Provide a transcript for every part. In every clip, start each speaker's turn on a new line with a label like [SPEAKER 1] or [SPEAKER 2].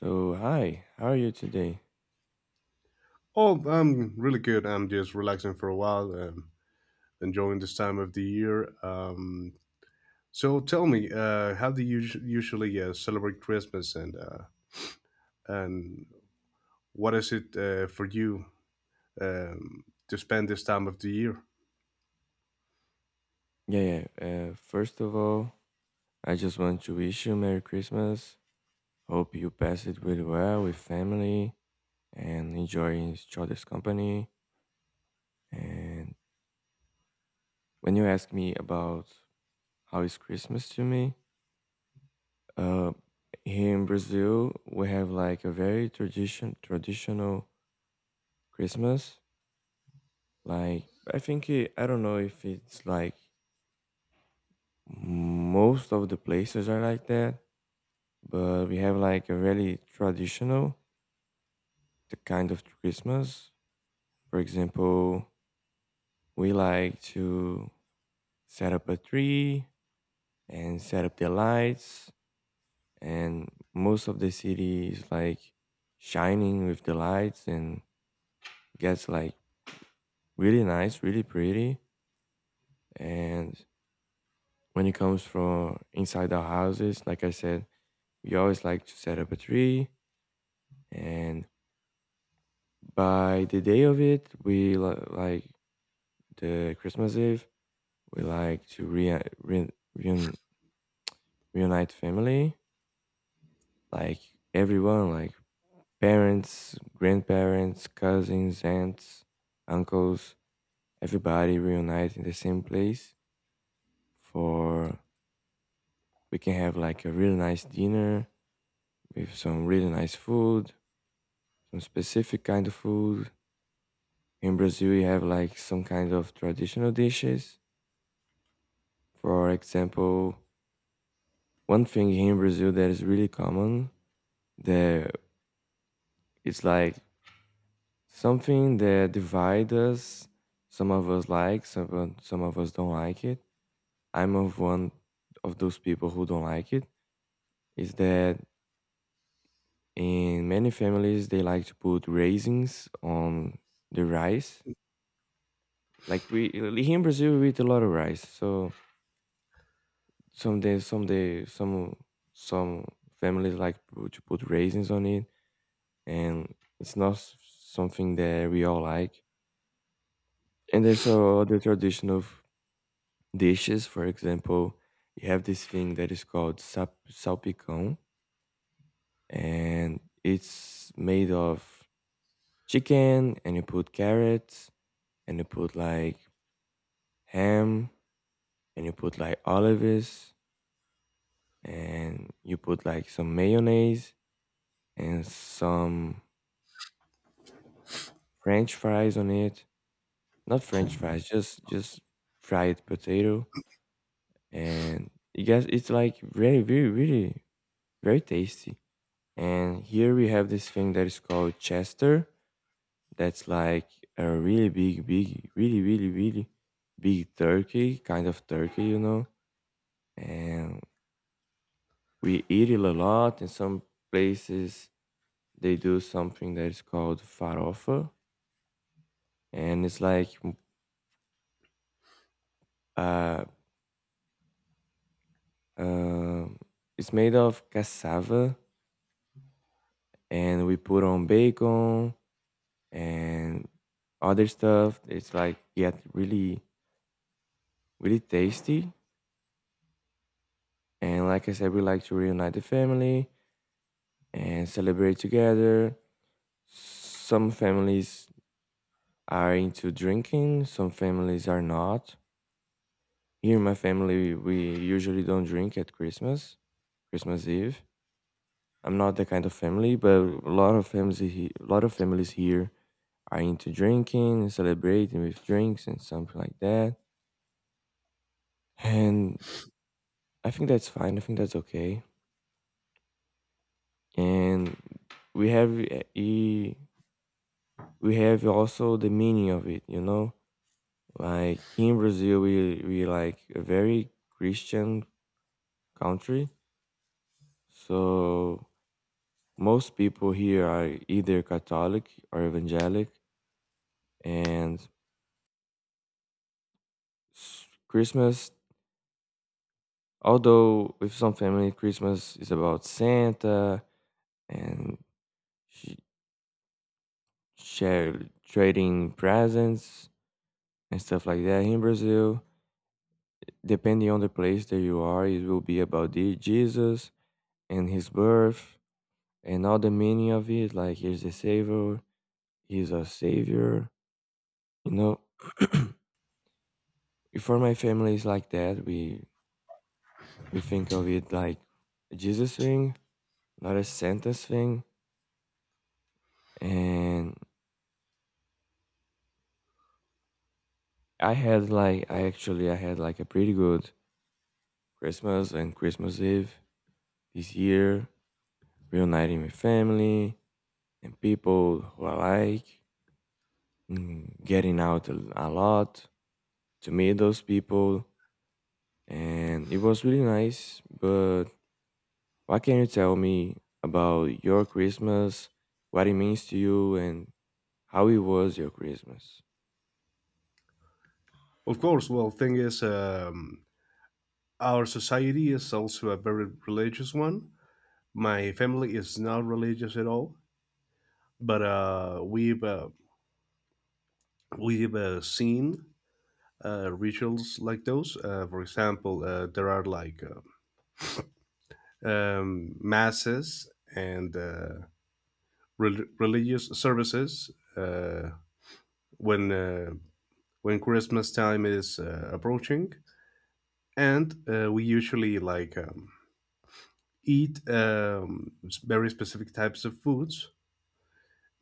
[SPEAKER 1] So, hi, how are you today?
[SPEAKER 2] Oh, I'm really good. I'm just relaxing for a while, enjoying this time of the year. So tell me, how do you usually celebrate Christmas, and what is it for you to spend this time of the year?
[SPEAKER 1] Yeah, yeah. First of all, I just want to wish you Merry Christmas. Hope you pass it really well with family and enjoy each other's company. And when you ask me about how is Christmas to me, uh, here in Brazil, we have like a very traditional Christmas. Like, I don't know if it's like most of the places are like that, but we have like a really traditional the kind of Christmas. For example, we like to set up a tree and set up the lights, and most of the city is like shining with the lights and gets like really nice, really pretty. And when it comes from inside our houses, like I said, we always like to set up a tree, and by the day of it, like the Christmas Eve, we like to reun- reunite family, like everyone, like parents, grandparents, cousins, aunts, uncles, everybody reunite in the same place for we can have like a really nice dinner with some really nice food, some specific kind of food. In Brazil, we have like some kind of traditional dishes. For example, one thing here in Brazil that is really common, that it's like something that divides us. Some of us don't like it. I'm of one of those people who don't like it. Is that in many families they like to put raisins on the rice. Like we here in Brazil we eat a lot of rice. So some days some day some families like to put raisins on it, and it's not s- something that we all like. And there's the tradition of dishes. For example, you have this thing that is called salpicón, and it's made of chicken, and you put carrots, and you put like ham, and you put like olives, and you put like some mayonnaise and some French fries on it. Not French fries, just fried potato, and you guys, it's like very, very, really very tasty. And here we have this thing that is called Chester. That's like a really big, really, really, really big turkey, kind of turkey, you know. And we eat it a lot. In some places, they do something that is called farofa. And it's like, uh, um it's made of cassava. And we put on bacon and other stuff. It's like, yeah, really, really tasty. And like I said, we like to reunite the family and celebrate together. Some families are into drinking, some families are not. Here in my family, we usually don't drink at Christmas, Christmas Eve. I'm not that kind of family, but a lot of a lot of families here are into drinking and celebrating with drinks and something like that. And I think that's fine. I think that's okay. And we have we have also the meaning of it, you know? Like here in Brazil we like a very Christian country. So most people here are either Catholic or evangelic, and Christmas, although with some family Christmas is about Santa and sh- share, trading presents and stuff like that here in Brazil. Depending on the place that you are, it will be about the Jesus and his birth and all the meaning of it. Like he's the savior, he's a savior. You know, for my family it's like that. We think of it like a Jesus thing, not a sentence thing. And I had like a pretty good Christmas and Christmas Eve this year, reuniting with family and people who I like, getting out a lot to meet those people, and it was really nice. But what can you tell me about your Christmas, what it means to you, and how it was your Christmas?
[SPEAKER 2] Of course. Well, thing is, our society is also a very religious one. My family is not religious at all, but we've seen rituals like those. For example, there are like masses and religious services uh, when uh, when Christmas time is approaching, and we usually like eat very specific types of foods.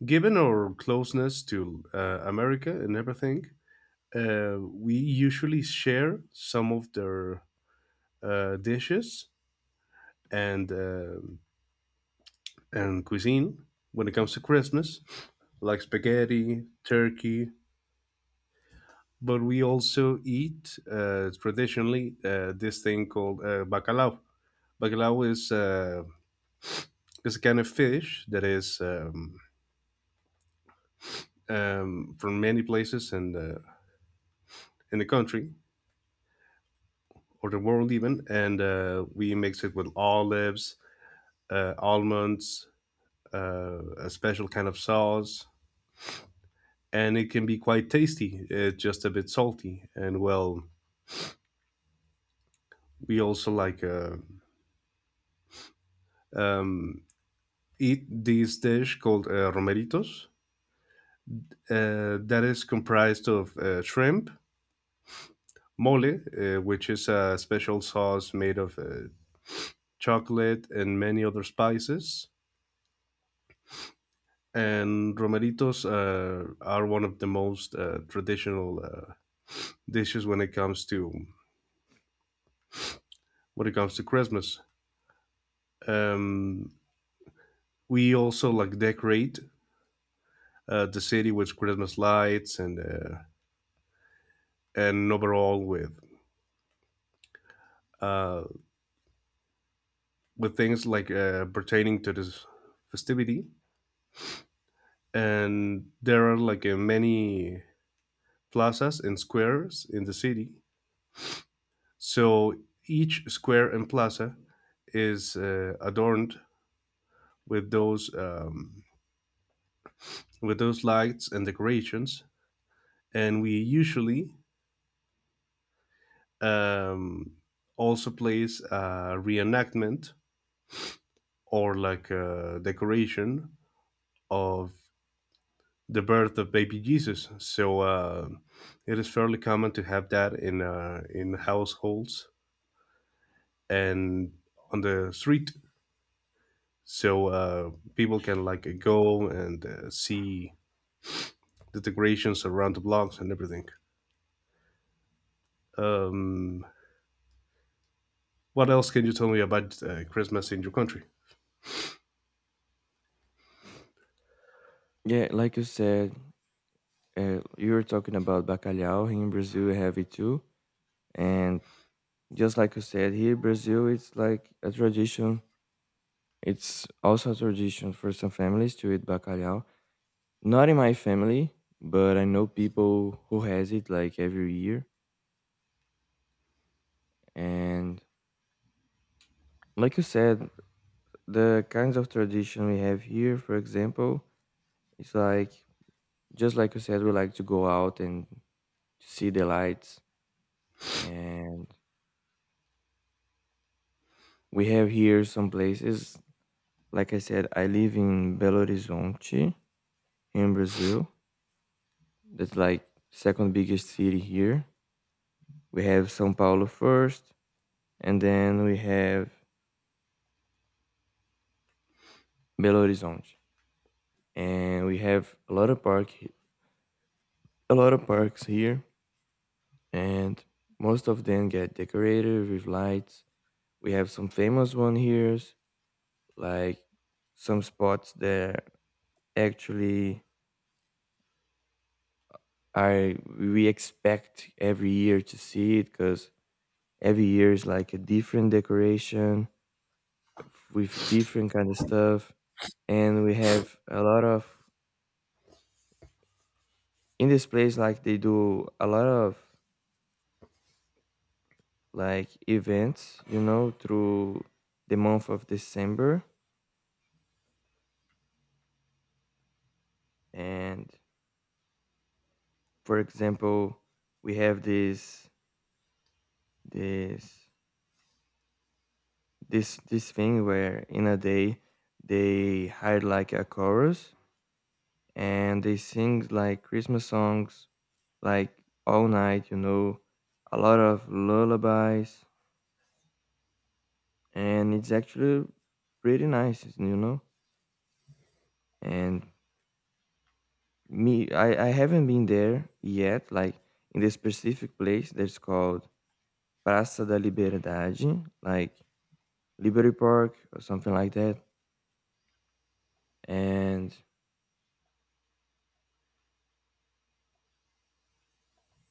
[SPEAKER 2] Given our closeness to America and everything, we usually share some of their dishes and um and cuisine when it comes to Christmas, like spaghetti, turkey, but we also eat traditionally this thing called bacalao. Bacalao is a kind of fish that is from many places in the country or the world even, and we mix it with olives, almonds, a special kind of sauce, and it can be quite tasty. It's just a bit salty, and well, we also like um, eat this dish called romeritos. That is comprised of shrimp, mole, which is a special sauce made of chocolate and many other spices. And romeritos are one of the most traditional dishes when it comes to Christmas. Um, we also like decorate the city with Christmas lights and overall uh, with things like pertaining to this festivity. And there are like many plazas and squares in the city. So each square and plaza is adorned with those um, with those lights and decorations. And we usually um, also place a reenactment or like a decoration of the birth of baby Jesus. So it is fairly common to have that in households and on the street, so people can like go and see the decorations around the blocks and everything. Um, what else can you tell me about Christmas in your country?
[SPEAKER 1] Yeah, like you said, you were talking about bacalhau. Here in Brazil, we have it too. And just like you said, here in Brazil, it's like a tradition. It's also a tradition for some families to eat bacalhau. Not in my family, but I know people who has it like every year. And like you said, the kinds of tradition we have here, for example, it's like just like you said, we like to go out and to see the lights. And we have here some places, like I said, I live in Belo Horizonte in Brazil. That's like second biggest city here. We have São Paulo first, and then we have Belo Horizonte. And we have a lot of a lot of parks here, and most of them get decorated with lights. We have some famous one here, like some spots that actually are we expect every year to see it because every year is like a different decoration with different kind of stuff, and we have a lot of in this place like they do a lot of like events, you know, through the month of December. And for example, we have this this thing where in a day they hired like a chorus, and they sing like Christmas songs like all night, you know, a lot of lullabies, and it's actually pretty nice, you know. And me, I haven't been there yet, like in the specific place that's called Praça da Liberdade, like Liberty Park or something like that, and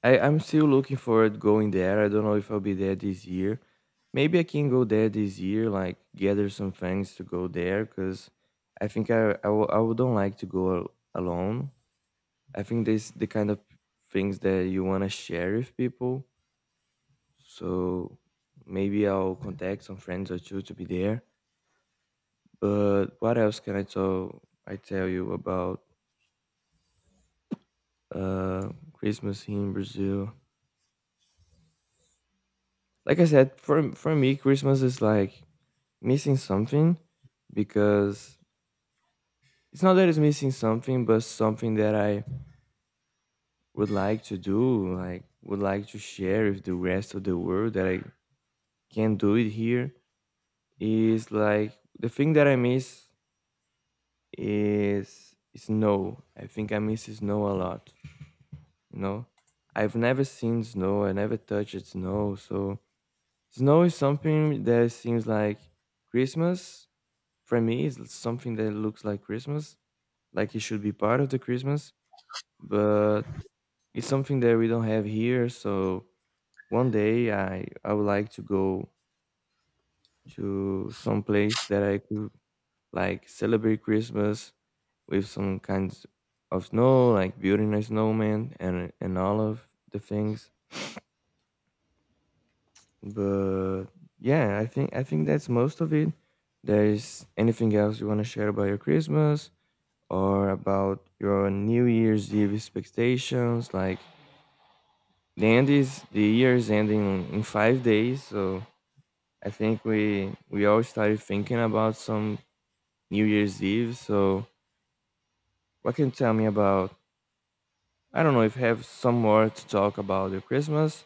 [SPEAKER 1] I'm still looking forward going there. I don't know if I'll be there this year. Maybe I can go there this year, like gather some friends to go there, because I think I, wo- I would don't like to go alone. I think this the kind of things that you want to share with people. So maybe I'll contact some friends or two to be there. But what else can I tell you about uh, Christmas here in Brazil? Like I said, for me, Christmas is like missing something because it's not that it's missing something, but something that I would like to do, like would like to share with the rest of the world that I can't do it here is like the thing that I miss is snow. I think I miss snow a lot. You know, I've never seen snow. I never touched snow. So snow is something that seems like Christmas. For me, it's something that looks like Christmas, like it should be part of the Christmas, but it's something that we don't have here. So one day, I would like to go to some place that I could like celebrate Christmas with some kinds of snow, like building a snowman and all of the things. But yeah, I think that's most of it. There's anything else you want to share about your Christmas or about your New Year's Eve expectations? Like the end is the year is ending in 5 days, so I think we all started thinking about some New Year's Eve. So what can you tell me about? I don't know if you have some more to talk about your Christmas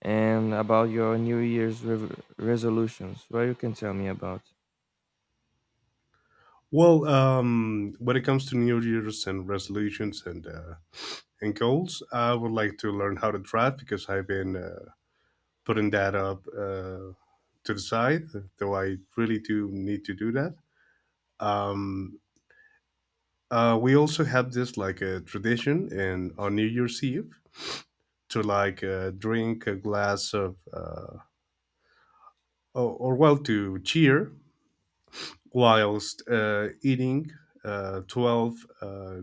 [SPEAKER 1] and about your New Year's resolutions. What you can tell me about?
[SPEAKER 2] Well, when it comes to New Year's and resolutions and goals, I would like to learn how to drive because I've been putting that up to the side, though I really do need to do that. Um, we also have this like a tradition in on New Year's Eve to like drink a glass of or well to cheer whilst eating 12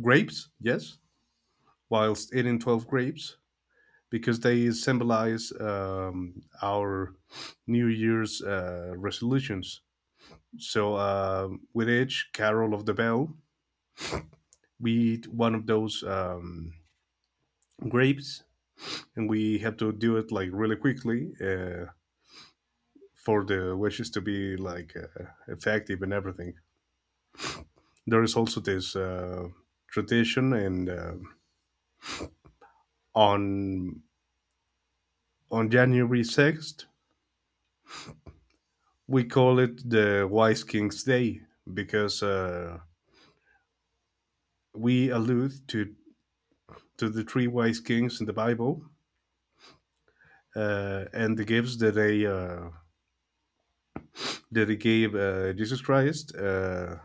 [SPEAKER 2] grapes. Yes, whilst eating 12 grapes because they symbolize our New Year's resolutions. So with each carol of the bell, we eat one of those grapes, and we have to do it like really quickly for the wishes to be like effective and everything. There is also this tradition, and uh, on on January 6th we call it the Wise King's Day because uh, we allude to the three wise kings in the Bible, and the gifts that they gave Jesus Christ,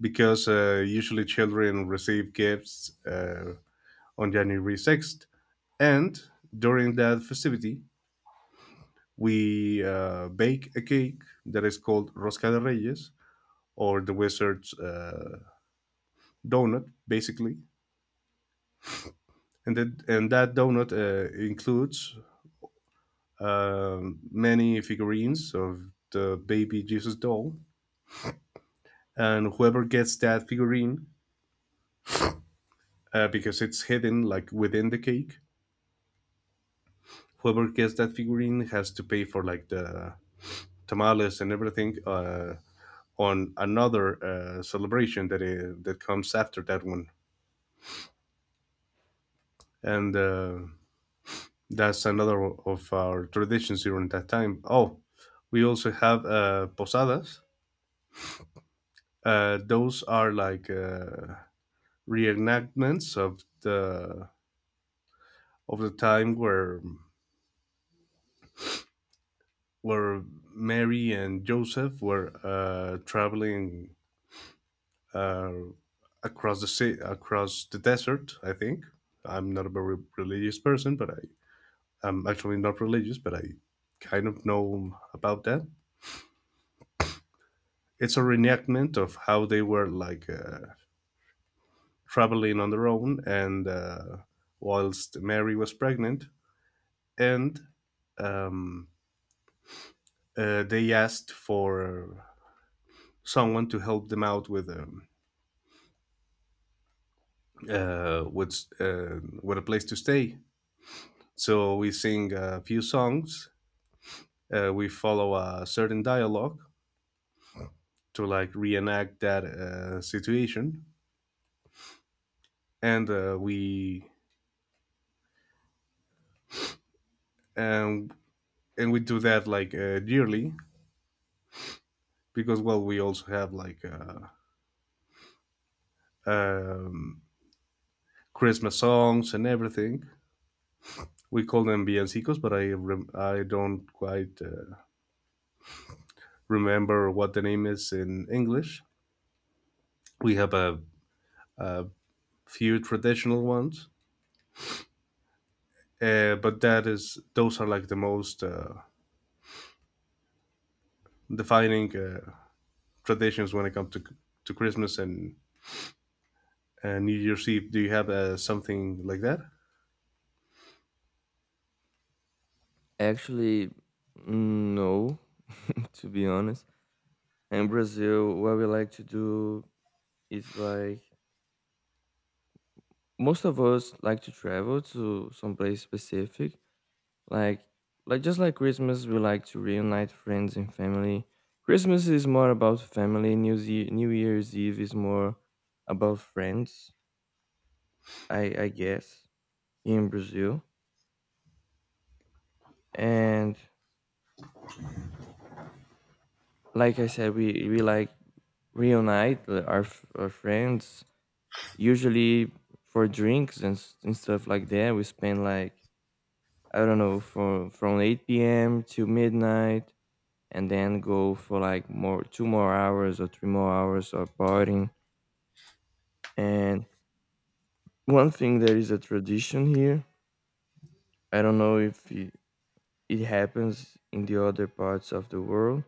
[SPEAKER 2] because usually children receive gifts on January 6th. And during that festivity, we bake a cake that is called Rosca de Reyes or the Wizard's Donut, basically. And that donut includes many figurines of the baby Jesus doll. And whoever gets that figurine, because it's hidden like within the cake, whoever gets that figurine has to pay for like the tamales and everything on another celebration that comes after that one, and that's another of our traditions during that time. Oh, we also have posadas. Those are like reenactments of the time where Mary and Joseph were traveling. Uh, Across the sea, across the desert. I think I'm not a very religious person, but I am actually not religious, but I kind of know about that. It's a reenactment of how they were like traveling on their own, and whilst Mary was pregnant, and um, they asked for someone to help them out with with a place to stay. So we sing a few songs, we follow a certain dialogue to like reenact that situation, and we and and we do that like yearly, because well we also have like um, Christmas songs and everything. We call them villancicos, but I don't quite remember what the name is in English. We have a few traditional ones. But that is those are like the most defining traditions when it comes to Christmas and New Year's Eve. Do you have something like that?
[SPEAKER 1] Actually, no. To be honest, in Brazil, what we like to do is like most of us like to travel to some place specific, like like just like Christmas we like to reunite friends and family. Christmas is more about family, New Year's Eve is more about friends, I guess, in Brazil. And like I said, we like reunite our our friends, usually for drinks and stuff like that. We spend like I don't know from 8 p.m. to midnight, and then go for like more two more hours or three more hours of partying. And one thing, there is a tradition here. I don't know if it, it happens in the other parts of the world,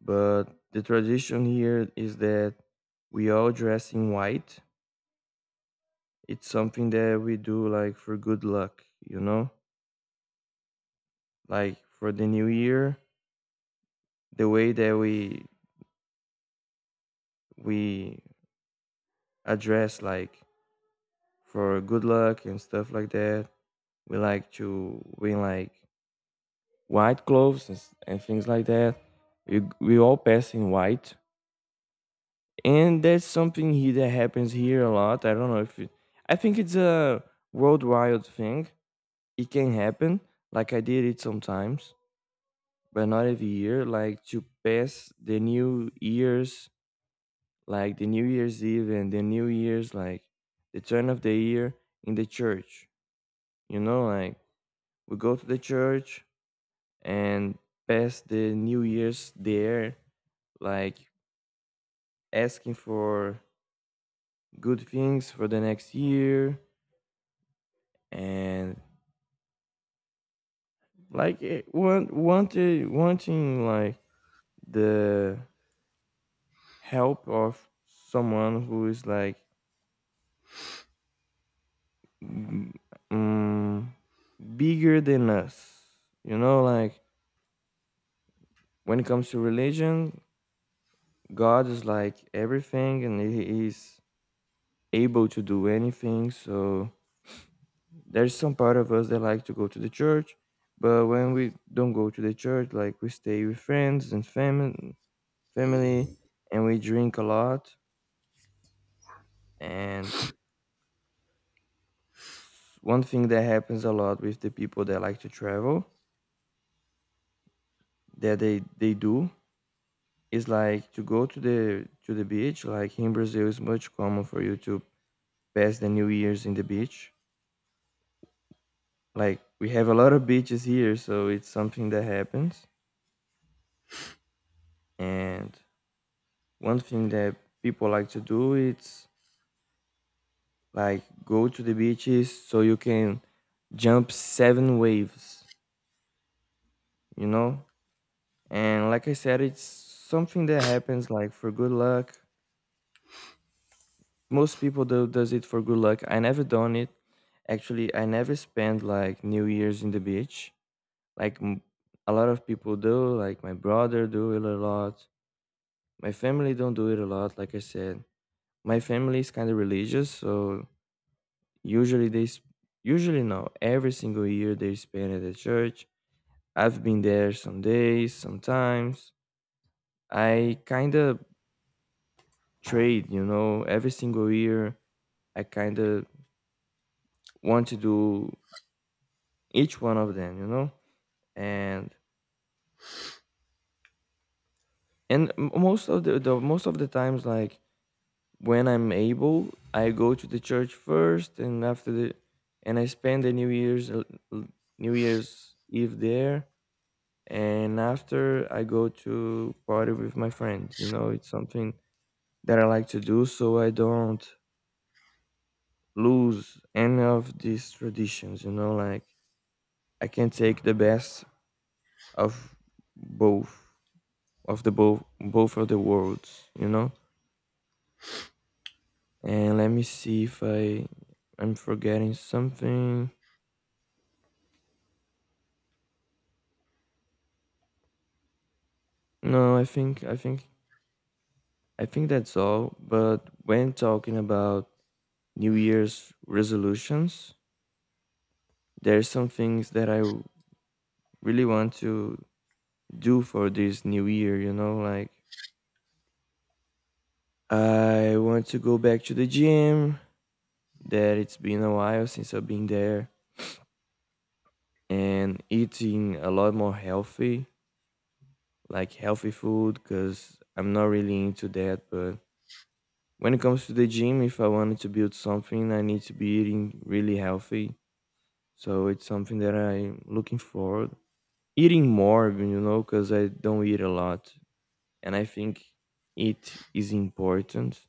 [SPEAKER 1] but the tradition here is that we all dress in white. It's something that we do like for good luck, you know? Like for the new year, the way that we address like for good luck and stuff like that. We like to wear like white clothes and things like that. We all pass in white, and that's something here that happens here a lot. I don't know if it, I think it's a worldwide thing. It can happen. Like I did it sometimes, but not every year. Like to pass the New Year's, like the New Year's Eve and the New Year's, like the turn of the year in the church. You know, like we go to the church, and pass the New Year's there, like asking for good things for the next year, and like wanting like the help of someone who is like mm, um, bigger than us. You know, like when it comes to religion, God is like everything, and He is able to do anything. So there's some part of us that like to go to the church, but when we don't go to the church, like we stay with friends and family, and we drink a lot. And One thing that happens a lot with the people that like to travel, that they do, is like to go to the beach. Like in Brazil, it's much common for you to pass the New Year's in the beach. Like we have a lot of beaches here, so it's something that happens and one thing that people like to do is like go to the beaches so you can jump seven waves, you know? And like I said, it's something that happens like for good luck. Most people do does it for good luck. I never done it. Actually, I never spent like New Year's in the beach. Like m- a lot of people do, like my brother do it a lot. My family don't do it a lot, like I said. My family is kind of religious, so Usually they s- usually no, every single year they spend at the church. I've been there some days, sometimes. I kind of trade, you know, every single year I kind of want to do each one of them, you know? And and most of the times like when I'm able, I go to the church first and after the and I spend the New Year's New Year's Eve there and after I go to party with my friends. You know, it's something that I like to do so I don't lose any of these traditions. You know, like I can take the best of both both of the worlds. You know, and let me see if I'm forgetting something. No, I think I think that's all. But when talking about New Year's resolutions, there's some things that I really want to do for this new year, you know, like I want to go back to the gym that it's been a while since I've been there and eating a lot more healthy, like healthy food cuz I'm not really into that, but when it comes to the gym, if I wanted to build something, I need to be eating really healthy. So it's something that I'm looking forward. Eating more, you know, cuz I don't eat a lot and I think it is important.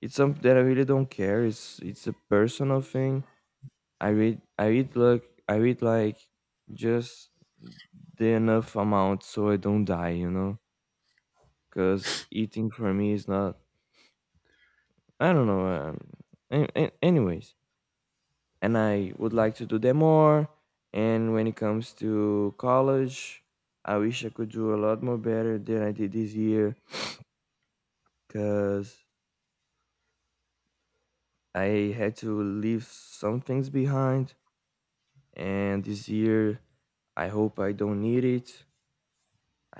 [SPEAKER 1] It's something that I really don't care. It's a personal thing. I eat like just the enough amount so I don't die. You know, because eating for me is not. I don't know. Anyways, and I would like to do them more. And when it comes to college, I wish I could do a lot more better than I did this year because I had to leave some things behind and this year I hope I don't need it.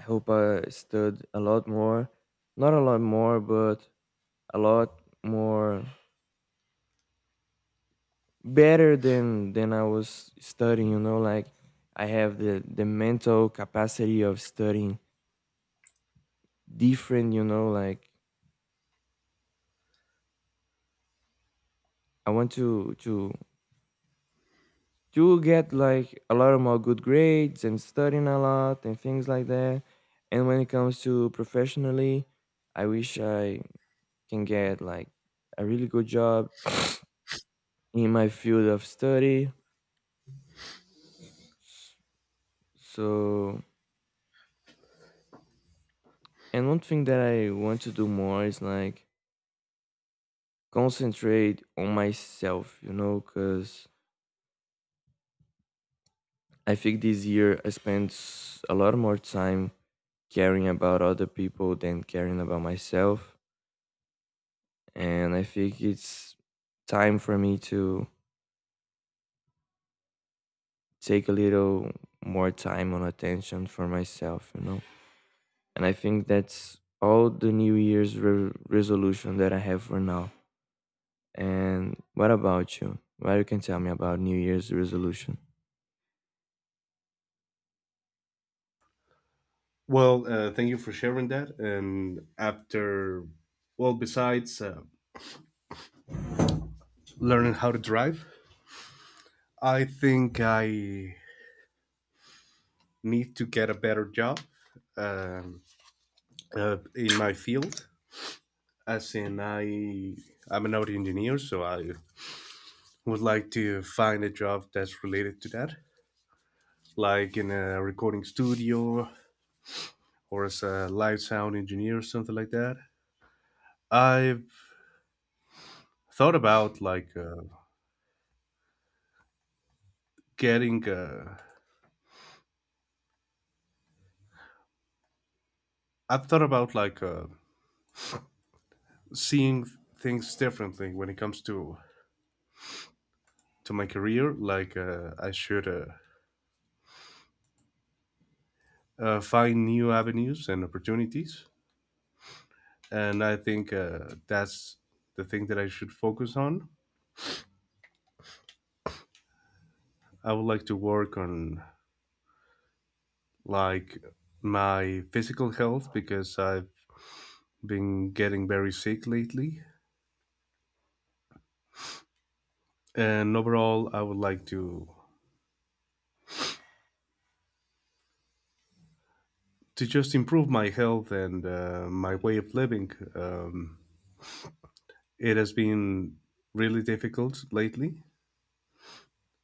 [SPEAKER 1] I hope I stud a lot more, not a lot more but a lot more better than I was studying, you know, like I have the mental capacity of studying different, you know, like I want to get like a lot of more good grades and studying a lot and things like that. And when it comes to professionally, I wish I can get like a really good job in my field of study. So, and one thing that I want to do more is like concentrate on myself, you know, because I think this year I a lot more time caring about other people than caring about myself. And I think it's time for me to take a little more time on attention for myself, you know. And I think that's all the resolution that I have for now. And what about you? What you can tell me about New Year's resolution?
[SPEAKER 2] Well, thank you for sharing that. And after, well, besides learning how to drive, I think I need to get a better job um, in my field. As in, I'm an audio engineer, so I would like to find a job that's related to that, like in a recording studio or as a live sound engineer or something like that. I've thought about like getting. I've thought about like seeing things differently when it comes to my career. Like I should find new avenues and opportunities, and I think that's the thing that I should focus on. I would like to work on like my physical health because I've been getting very sick lately. And overall, I would like to just improve my health and my way of living. It has been really difficult lately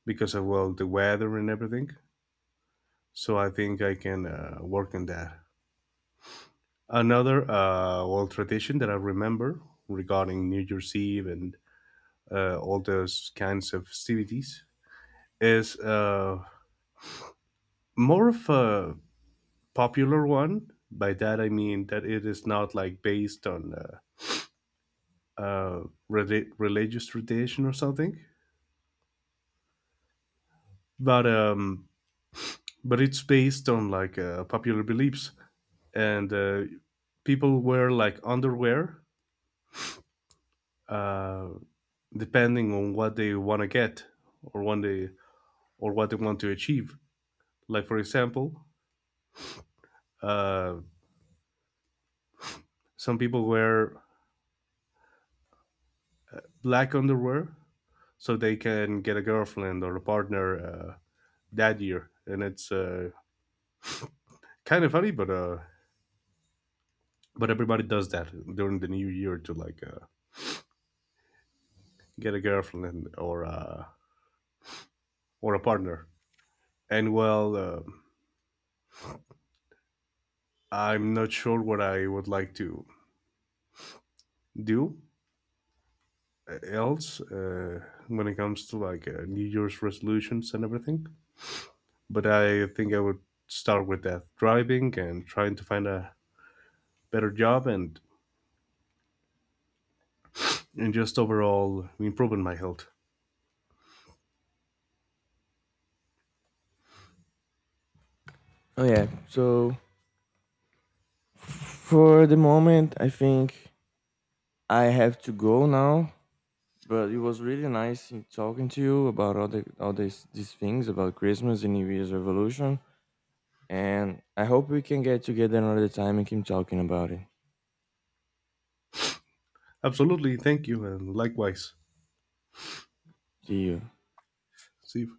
[SPEAKER 2] because of well the weather and everything. So I think I can work on that. Another old tradition that I remember regarding New Year's Eve and all those kinds of festivities is more of a popular one. By that I mean that it is not like based on uh, religious tradition or something. But um, but it's based on like popular beliefs, and people wear like underwear uh, depending on what they want to get or when they or what they want to achieve. Like for example, uh, some people wear black underwear so they can get a girlfriend or a partner that year, and it's kind of funny, but everybody does that during the new year to like get a girlfriend or or a partner. And well, I'm not sure what I would like to do else when it comes to like New Year's resolutions and everything. But I think I would start with that driving and trying to find a better job and just overall improving my health.
[SPEAKER 1] Oh yeah. So for the moment, I think I have to go now. But it was really nice in talking to you about all these things about Christmas and New Year's revolution. And I hope we can get together another time and keep talking about it.
[SPEAKER 2] Absolutely, thank you, and likewise,
[SPEAKER 1] See you.
[SPEAKER 2] Steve.